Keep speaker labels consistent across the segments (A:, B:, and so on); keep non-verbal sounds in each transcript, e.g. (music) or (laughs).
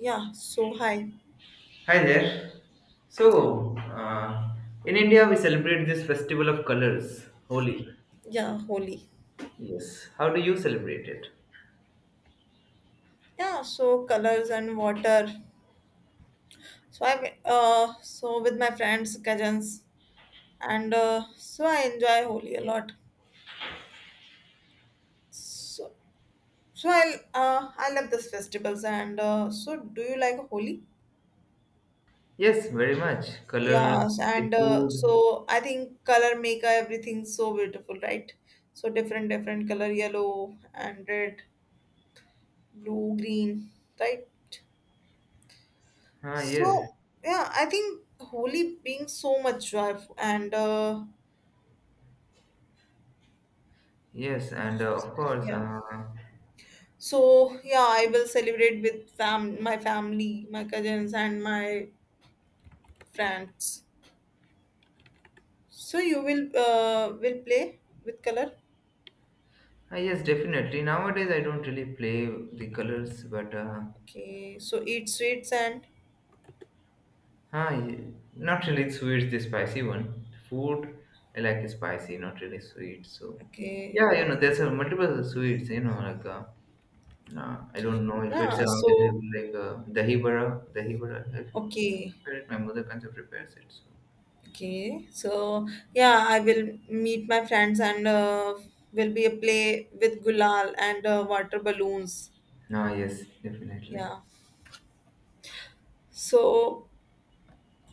A: Yeah, so high.
B: Hi there. So, in India, we celebrate this festival of colors, Holi.
A: Yeah, holy.
B: Yes. How do you celebrate it?
A: Yeah, so colors and water. So with my friends, cousins, and so I enjoy Holi a lot. So so I love these festivals and so do you like Holi?
B: Yes, very much. Colors,
A: Yes,
B: the
A: and
B: food.
A: so I think color make everything so beautiful, right? So different different color, yellow and red, blue, green, right?
B: Ah, yes,
A: So, yeah, I think Holi brings so much joy and
B: yes, and of course,
A: yeah.
B: ah,
A: So, yeah, I will celebrate with fam my family, my cousins and my friends. So you will play with color?
B: yes, definitely. Nowadays, I don't really play the colors, but
A: Okay. So eat sweets and
B: ah, not really sweet, the spicy one. Food, I like spicy, not really sweet. So,
A: okay.
B: yeah, there's multiple sweets, like. I don't know if it's
A: Yeah, so
B: available like dahi bara, dahi bara. I
A: okay.
B: prepare it. My mother kind of prepares it. So.
A: Okay. So yeah, I will meet my friends and will be a play with gulal and water balloons.
B: Ah, yes, definitely.
A: Yeah. So,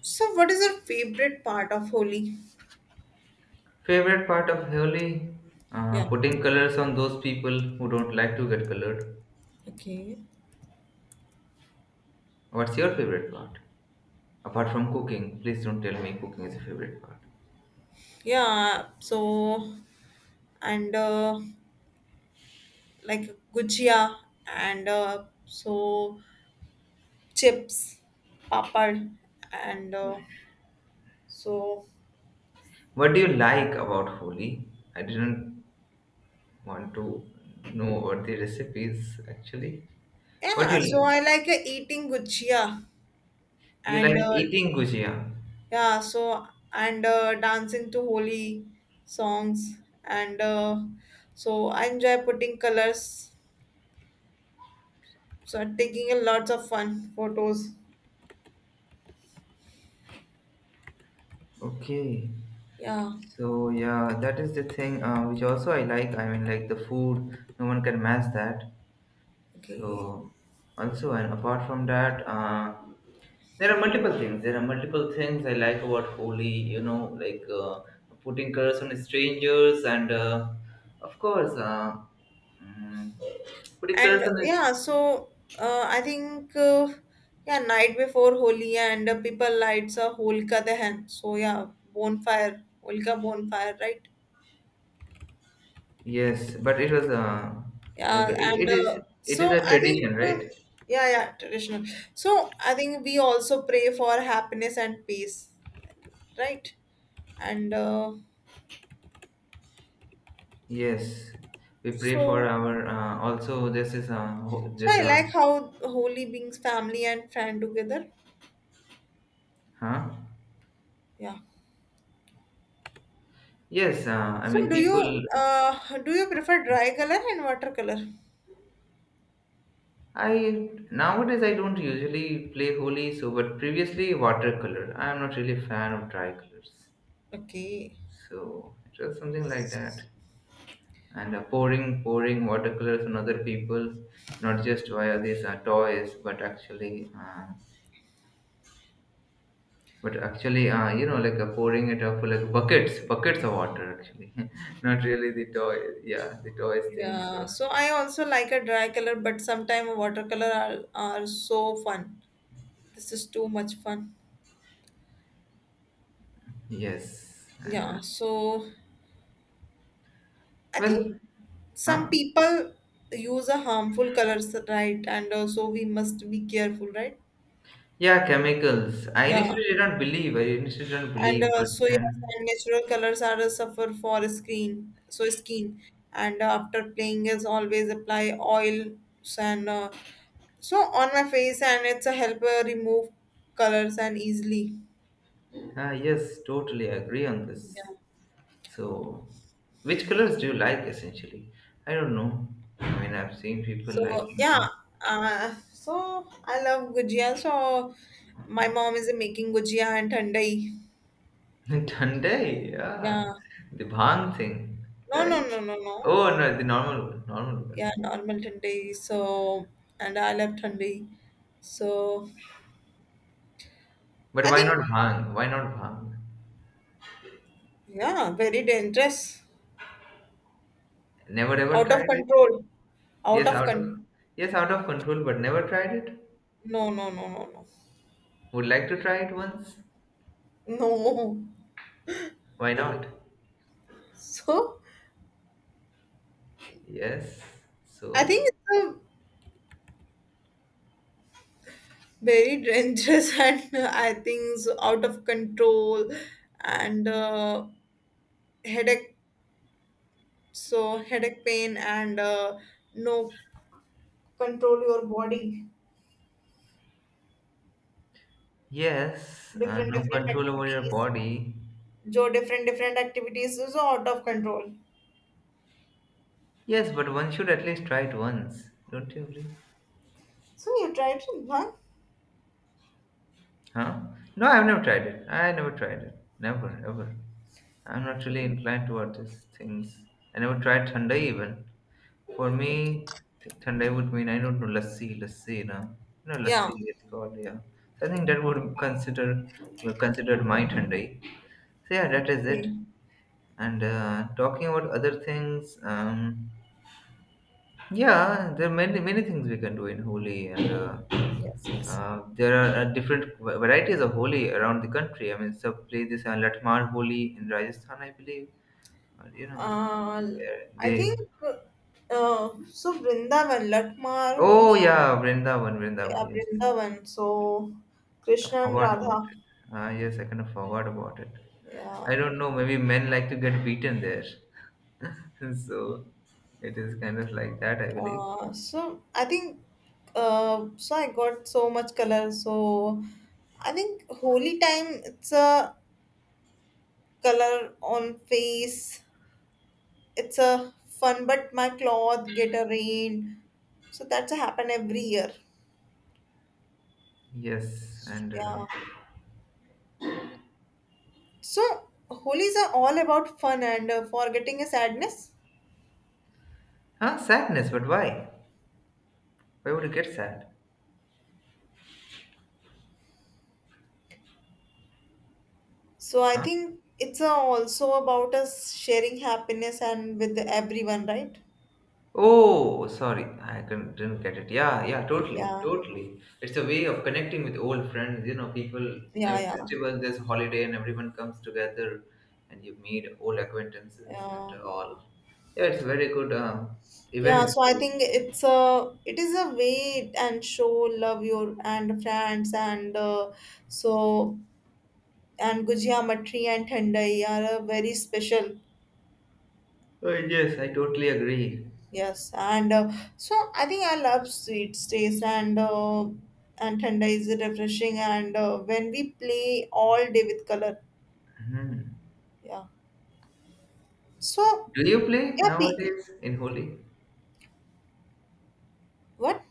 A: so what is your favorite part of Holi?
B: Favorite part of Holi? Uh,
A: Yeah.
B: putting colors on those people who don't like to get colored.
A: Okay.
B: What's your favorite part? Apart from cooking, please don't tell me cooking is a favorite part.
A: Yeah, so and like gujia and chips, papad and so
B: What do you like about Holi? I didn't want to know what the recipe is actually. What do
A: yeah,
B: you
A: so I
B: like?
A: like eating gujia
B: You
A: and
B: like eating gujia.
A: yeah, so and dancing to Holi songs and I enjoy putting colors. So I'm taking a lots of fun photos.
B: Okay.
A: Yeah.
B: So yeah, that is the thing which also I like. I mean, like the food, no one can match that.
A: Okay.
B: So also, and apart from that, there are multiple things. There are multiple things I like about Holi. Like putting curse on strangers, and of course, mm, putting
A: And
B: curse on.
A: yeah, so I think yeah, night before Holi and people lights a holka dehen. So yeah, bonfire, holka bonfire, right?
B: Yes, but it was like it,
A: Yeah, and
B: it is. It is
A: so
B: a
A: I think
B: tradition, right?
A: yeah, yeah, traditional. So I think we also pray for happiness and peace, right? And
B: Yes, we pray for
A: so
B: our. Also, this is ho-
A: so
B: this
A: I like how Holi brings family and friend together.
B: huh?
A: Yeah.
B: Yes, I
A: So
B: mean people.
A: do you prefer dry color and watercolor?
B: I, nowadays, I don't usually play Holi, so but previously watercolor. I am not really a fan of dry colors,
A: Okay.
B: so it was something like that. And pouring watercolors on other people, not just via these toys, but actually but actually, like pouring it up like buckets, buckets of water actually, (laughs) not really the toy. Yeah, the toys thing.
A: Yeah.
B: So
A: So I also like a dry color, but sometimes watercolor are so fun. This is too much fun.
B: yes, and
A: Yeah. So I think
B: well,
A: some
B: huh?
A: people use a harmful colors, right? And so we must be careful, right?
B: Yeah, chemicals. I
A: Yeah.
B: initially did not believe. I initially did not
A: and
B: believe, but
A: So yes,
B: then
A: and natural colors are a suffer for skin, so skin, and after playing is always apply oils and so on my face, and it's a help remove colors and easily.
B: yes, totally agree on this.
A: Yeah.
B: So, which colors do you like essentially? I don't know. I mean, I've seen people
A: So
B: liking.
A: yeah, so I love gujia. So my mom is making gujia and thandai.
B: (laughs) Thundai,
A: Yeah.
B: yeah. The bhang thing,
A: No, no,
B: right?
A: no, no, no.
B: Oh no, the normal one, normal one.
A: Yeah, normal thandai. So and I love thandai. So
B: But
A: I
B: why
A: think.
B: not bhang? Why not bhang?
A: Yeah, very dangerous.
B: Never ever
A: Out of
B: tried it?
A: control. Out
B: Yes,
A: of con.
B: out of control, but never tried it.
A: No, no, no, no,
B: Would like to try it once.
A: no. No.
B: Why not?
A: So,
B: Yes.
A: I
B: So
A: think it's a very dangerous (laughs) and I think so out of control and headache. So, headache pain and no control your body.
B: yes,
A: Different,
B: no
A: different
B: control over your
A: activities.
B: body.
A: Jo, different, different activities is out of control.
B: Yes, but one should at least try it once. Don't you agree?
A: So, you try it, huh?
B: Huh? No, I've never tried it. I never tried it. Never, ever. I'm not really
A: Okay.
B: inclined toward these things. I never tried Thandai even. For me,
A: Okay.
B: Thandai would mean, I don't know, Lassi, Lassi, no?
A: Yeah.
B: Lassi, it's called, yeah. So I think that would considered my Thandai. So yeah, that is it.
A: Okay.
B: And talking about other things, yeah, there are many, many things we can do in Holi. And
A: Yes, yes.
B: there are different varieties of Holi around the country. I mean, some places are Latmar Holi in Rajasthan, I believe. Or.
A: Uh, I
B: They
A: think Vrindavan, Lakmar,
B: oh
A: only
B: yeah, Vrindavan, Vrindavan. Yes,
A: Vrindavan. So
B: I
A: Krishna and
B: forgot about
A: Radha.
B: it. Ah, yes, I kind of forgot about it. I
A: Yeah.
B: don't know. Maybe men like to get beaten there, (laughs) so it is kind of like that, I believe.
A: So I think so I got so much color. So I think holy time it's a color on face. It's a fun, but my cloth get a rain. So that's a happen every year.
B: Yes, and
A: Yeah. So holies are all about fun and forgetting a sadness.
B: huh, sadness. But why? Why would you get sad?
A: So I
B: Huh?
A: think it's also about us sharing happiness and with everyone, right?
B: Oh, sorry, I couldn't, didn't get it. Yeah, yeah, totally,
A: Yeah,
B: totally. It's a way of connecting with old friends. You know, people. I
A: yeah,
B: mean,
A: yeah,
B: festival, there's a holiday, and everyone comes together, and you meet old acquaintances and
A: yeah,
B: all. Yeah, it's a very good
A: yeah.
B: event.
A: So I think it's a it is a way and show love your and friends and so and Gujia Matri and Thandai are very special.
B: Oh, yes, I totally agree.
A: Yes, and so I think I love sweet taste and tender is refreshing and when we play all day with color,
B: Mhm.
A: yeah. So
B: Do you play
A: yeah, we,
B: nowadays in Holi?
A: what?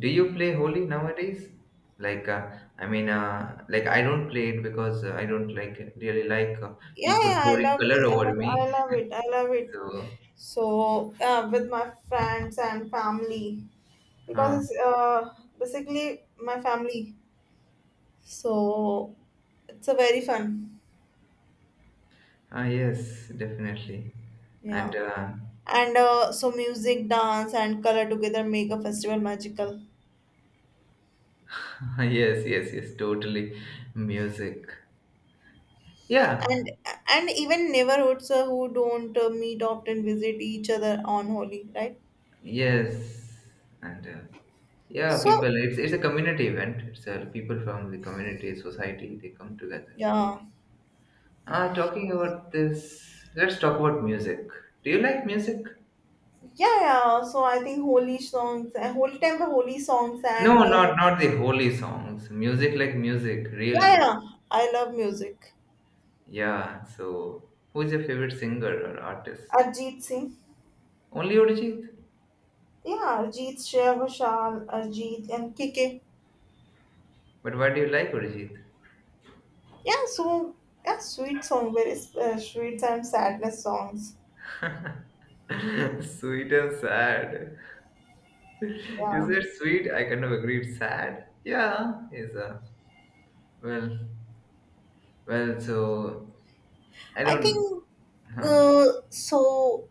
B: Do you play Holi nowadays? Like, I mean, like I don't play it because I don't like really like
A: Yeah,
B: people
A: yeah, I
B: pouring
A: love
B: color
A: it.
B: over
A: I,
B: me.
A: I love it. I love it.
B: So,
A: So with my friends and family
B: uh,
A: because it's, basically my family. So it's a very fun.
B: yes, definitely. And
A: Yeah. And so music, dance, and color together make a festival magical.
B: (laughs) yes, yes, yes, totally. Music. Yeah,
A: And and even neighborhoods who don't meet often visit each other on Holi, right?
B: yes. And yeah, people,
A: So,
B: it's a community event. It's people from the community, society, they come together.
A: yeah,
B: Talking about this, let's talk about music. Do you like music?
A: yeah, yeah. So I think holy songs, holy time, holy songs,
B: No,
A: and
B: not the holy songs. Music like music, real
A: yeah,
B: music.
A: yeah. I love music.
B: Yeah, so who's your favorite singer or artist?
A: Arjit Singh,
B: Only Arijit?
A: yeah, Arjit, Shreya Ghoshal, Arjit, and KK.
B: But what do you like, Urjit?
A: Yeah, so yeah, sweet song, very sweet and sadness songs.
B: (laughs) Sweet and sad. (laughs) You
A: Yeah,
B: said sweet, I kind of agreed. Sad? Yeah, is a well, well. So I
A: I
B: don't.
A: think
B: Huh?
A: uh, so.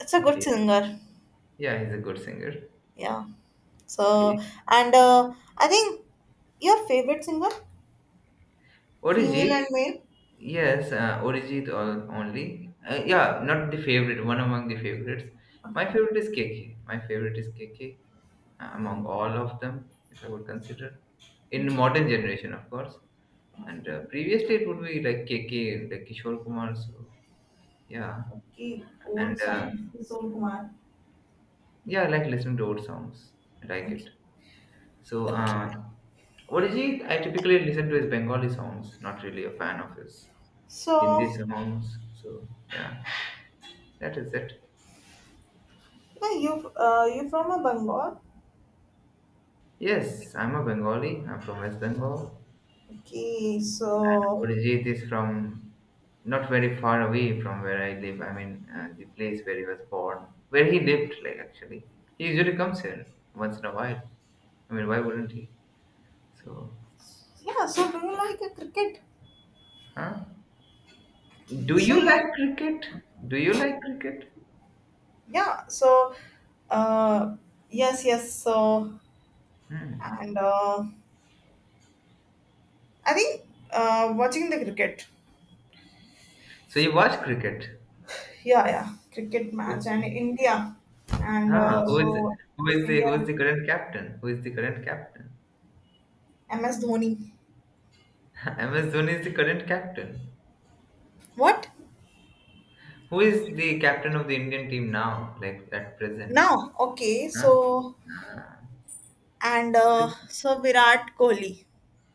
A: It's a good
B: Okay.
A: singer.
B: Yeah, he's a good singer.
A: Yeah.
B: Okay.
A: So and I think your favorite singer, female
B: Orijit?
A: and male.
B: Yes, Orijit all, only. Yeah, not the favorite, one among the favorites. My
A: Okay.
B: favorite is KK. My favorite is K K among
A: Okay.
B: all of them, if I would consider. In
A: Okay.
B: modern generation, of course. And
A: Okay.
B: previously it would be like KK and like Kishore Kumar. So yeah,
A: Okay.
B: and
A: Old songs. Kishore Kumar.
B: yeah, I like listening to old songs. I like it.
A: Okay.
B: So
A: Okay.
B: uh, Orijit, I typically listen to his Bengali songs. Not really a fan of his Hindi
A: So
B: songs. So yeah, that is it.
A: yeah, you you from a Bengal.
B: Yes, I'm a Bengali. I'm from West Bengal.
A: Okay. So
B: Orijit is from not very far away from where I live. I mean, the place where he was born, where he lived, like actually. He usually comes here once in a while. I mean, why wouldn't he? So,
A: yeah. So do you like a cricket?
B: huh? Do
A: So
B: you
A: yeah.
B: like cricket? Do you like cricket?
A: Yeah. So uh, yes. Yes. So.
B: Hmm.
A: And I think watching the cricket,
B: So you watch cricket?
A: yeah, yeah, cricket match and
B: Okay.
A: India, and
B: Huh? Who is
A: so
B: who is the
A: India,
B: who is the current captain? Who is the current captain?
A: MS Dhoni.
B: (laughs) MS Dhoni is the current captain.
A: What
B: Who is the captain of the Indian team now, like at present?
A: now? Okay,
B: Huh?
A: so and so Virat Kohli.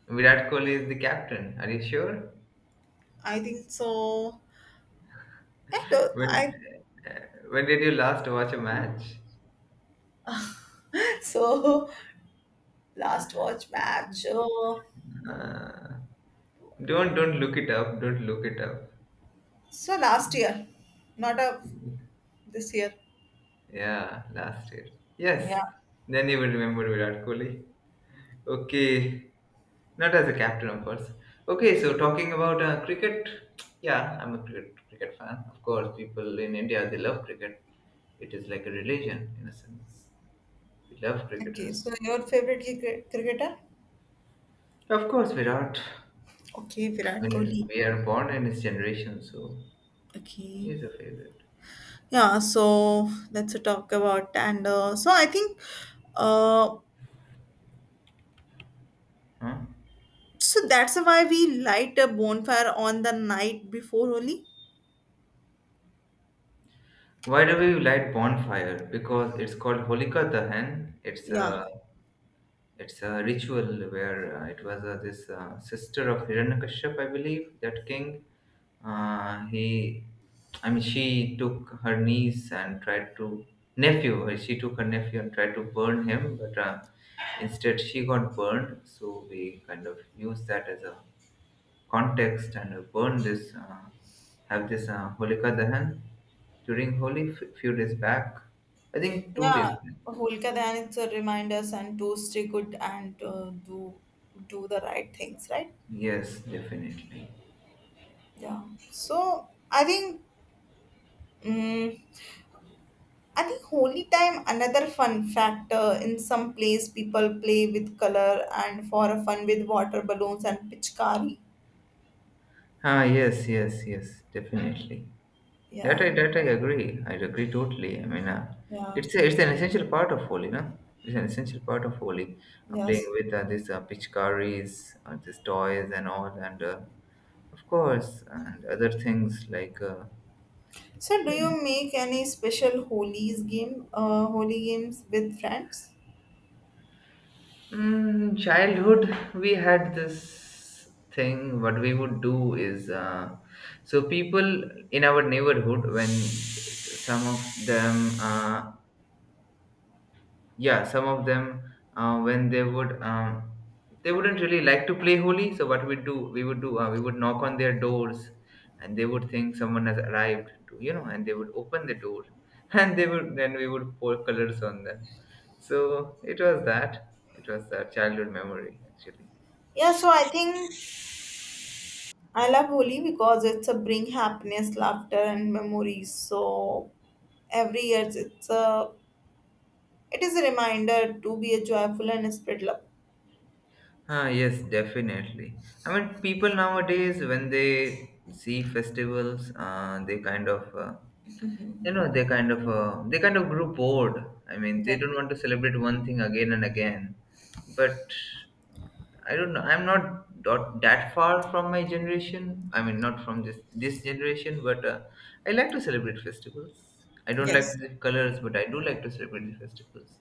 B: Virat Kohli is the captain. Are you sure?
A: I think so. I don't,
B: When
A: I
B: when did you last watch a match?
A: (laughs) so last watch match.
B: Uh, don't look it up. Don't look it up.
A: So last year, not of this year.
B: Yeah, last year. Yes.
A: Yeah.
B: Then you will remember Virat Kohli. Okay. Not as a captain, of course. Okay, so talking about cricket. Yeah, I'm a cricket fan. Of course, people in India they love cricket. It is like a religion in a sense. We love
A: Okay. So
B: cricketers.
A: your favorite cricket cricketer?
B: Of course, Virat.
A: Okay, Virat
B: I
A: Kohli.
B: mean, we are born in his generation, so
A: Okay.
B: he's a favorite.
A: Yeah, so let's talk about and so I think uh
B: Huh?
A: so that's why we light a bonfire on the night before Holi.
B: Why do we light bonfire? Because it's called Holika Dahan. It's
A: Yeah.
B: a it's a ritual where it was this sister of Hiranyakashyap, I believe, that king. He, I mean, she took her niece and tried to nephew. She took her nephew and tried to burn him, but instead she got burned. So we kind of use that as a context and burn this have this Holika Dahan during Holi few days back. I think 2 days
A: Yeah,
B: back.
A: Holka then it's a reminders and to stay good and do do the right things, right?
B: Yes, definitely.
A: Yeah. So I think mm I think holy time another fun factor in some place people play with color and for a fun with water balloons and pitchkari.
B: Ah, yes, yes, yes, definitely. That I
A: Yeah,
B: that I agree. I agree totally. I mean,
A: yeah,
B: it's an essential part of Holi, no? It's an essential part of Holi. Playing
A: yes.
B: with these pitchkaris, these toys and all, and of course, and other things like.
A: So, do you make any special holies game, holy games with friends?
B: Mm, childhood, we had this thing. What we would do is, so people in our neighborhood, when some of them uh, yeah, some of them when they would they wouldn't really like to play holy. So what we do, we would do, we would knock on their doors, and they would think someone has arrived to, you know, and they would open the door, (laughs) and they would, then we would pour colors on them. So it was that childhood memory actually.
A: Yeah, so I think I love Holi because it's a bring happiness, laughter, and memories. So every year it's a it is a reminder to be a joyful and spread love.
B: Ah, yes, definitely. I mean, people nowadays, when they see festivals, they kind of they kind of grew bored. I mean, they
A: Yeah.
B: don't want to celebrate one thing again and again. But I don't know, I'm not that far from my generation. I mean, not from this generation, but I like to celebrate festivals. I don't like
A: Yes.
B: the colors, but I do like to celebrate the festivals.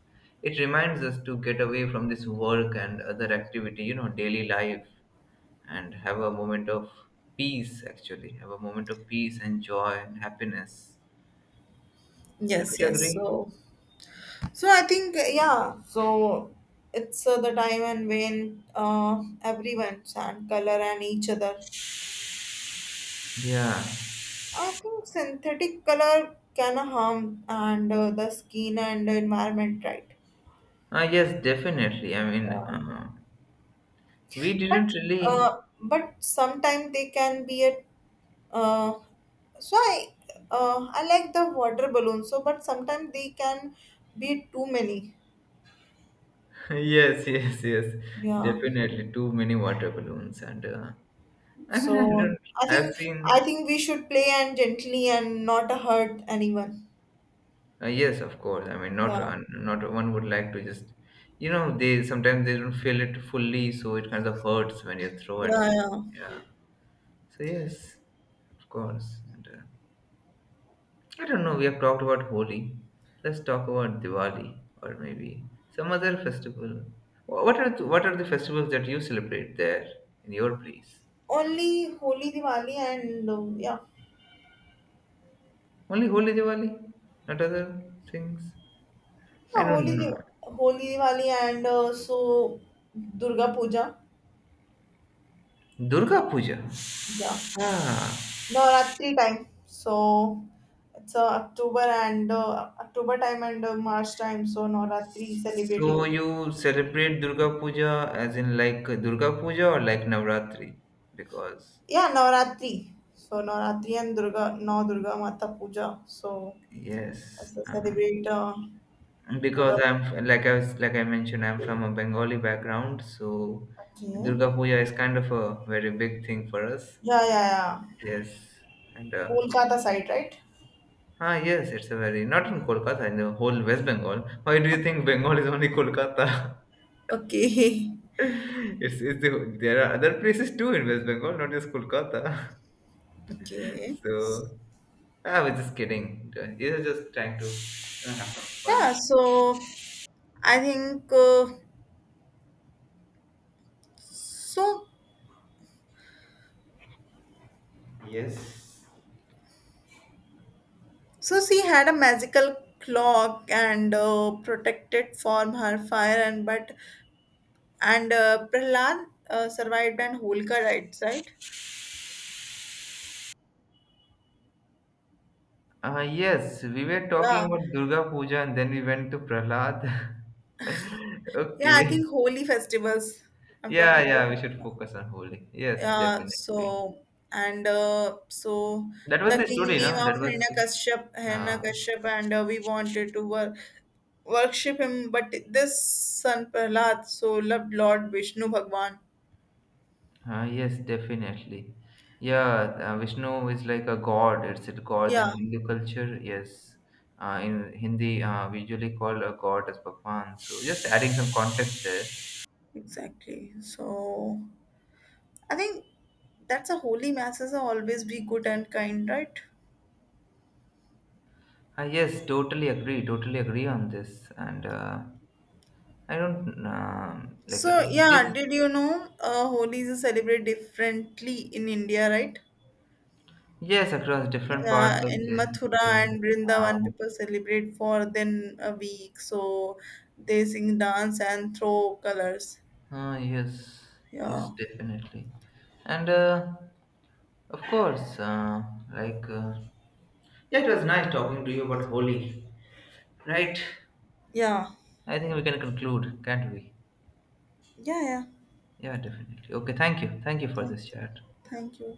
B: It reminds us to get away from this work and other activity, daily life, and have a moment of peace actually, have a moment of peace and joy and happiness. Don't
A: Yes.
B: you
A: Yes.
B: agree?
A: So so I think yeah. So it's the time and when everyone chant color and each other.
B: Yeah,
A: I think synthetic color can harm and the skin and the environment, right?
B: yes, definitely. I mean,
A: Uh,
B: we didn't
A: but
B: really.
A: but sometimes they can be a uh, so I like the water balloon. So but sometimes they can be too many.
B: (laughs) Yes, yes, yes,
A: Yeah.
B: definitely. Too many water balloons, and I mean, I
A: So
B: don't. I've
A: I
B: seen.
A: think we should play and gently and not hurt anyone.
B: Yes, of course. I mean, not
A: Yeah.
B: not one would like to just, they sometimes they don't feel it fully, so it kind of hurts when you throw at
A: Yeah.
B: some.
A: Yeah.
B: Yeah. So yes, of course, and. I don't know. We have talked about Holi. Let's talk about Diwali or maybe some other festival. What are the festivals that you celebrate there in your place?
A: Only Holi, Diwali, and yeah.
B: Only Holi, Diwali, not other things. I
A: हाँ,
B: don't know.
A: Holi, Diwali and also Durga Puja.
B: Durga Puja.
A: Yeah.
B: Ah,
A: Navaratri time. So it's October and October time and March time. So Navaratri
B: so
A: celebrating.
B: you celebrate Durga Puja as in like Durga Puja or like Navratri? Because
A: Yeah, Navaratri. So Navaratri and Durga, Nau Durga Mata Puja. So
B: yes,
A: as a celebrate
B: because
A: Durga.
B: I'm like, I was, like I mentioned, I'm from a Bengali background, so
A: Okay.
B: Durga Puja is kind of a very big thing for us.
A: Yeah, yeah, yeah.
B: Yes, and
A: Kolkata side, right?
B: ah yes, it's a very not in Kolkata, in the whole West Bengal. Why do you think Bengal is only Kolkata?
A: Okay. (laughs)
B: (laughs) It's the, there are other places too in West Bengal, not just Kolkata. (laughs)
A: Okay.
B: So I was just kidding. I was just trying to have some fun.
A: Yeah, so I think so.
B: Yes.
A: So she had a magical clock and protected from her fire, and but and Prahlad survived and Holka died, right?
B: Yes, we were talking
A: Yeah,
B: about Durga Puja and then we went to Prahlad. (laughs)
A: yeah. I
B: Okay.
A: think holy festivals. I'm
B: Yeah,
A: talking
B: yeah, we should
A: to.
B: focus on Holi. Yes,
A: Yeah,
B: definitely.
A: so and so
B: That was
A: the
B: the
A: king
B: story,
A: name
B: no?
A: of
B: That was the
A: Hiranyakashyap,
B: uh,
A: Hiranyakashyap, and we wanted to worship him, but this son Prahlad so loved Lord Vishnu Bhagwan.
B: yes, definitely. Yeah, Vishnu is like a god. It's a god in
A: Yeah,
B: Hindu culture. Yes. In Hindi, we usually call a god as Bhagwan. So just adding some context there.
A: exactly. So I think that's a holy masses are always be good and kind, right?
B: Yes, totally agree. Totally agree on this. And I don't like
A: So
B: yes,
A: yeah, did you know Holi is celebrated differently in India, right?
B: yes, across different parts
A: Yeah,
B: of
A: in
B: the
A: Mathura
B: India.
A: and Vrindavan,
B: Um,
A: people celebrate for then a week. So they sing, dance, and throw colors.
B: yes, yes,
A: Yeah,
B: definitely, and of course, like yeah, it was nice talking to you about Holi, right?
A: yeah,
B: I think we can conclude, can't we?
A: yeah, yeah.
B: Yeah, definitely. Okay, thank you for
A: Thank,
B: this chat.
A: thank you.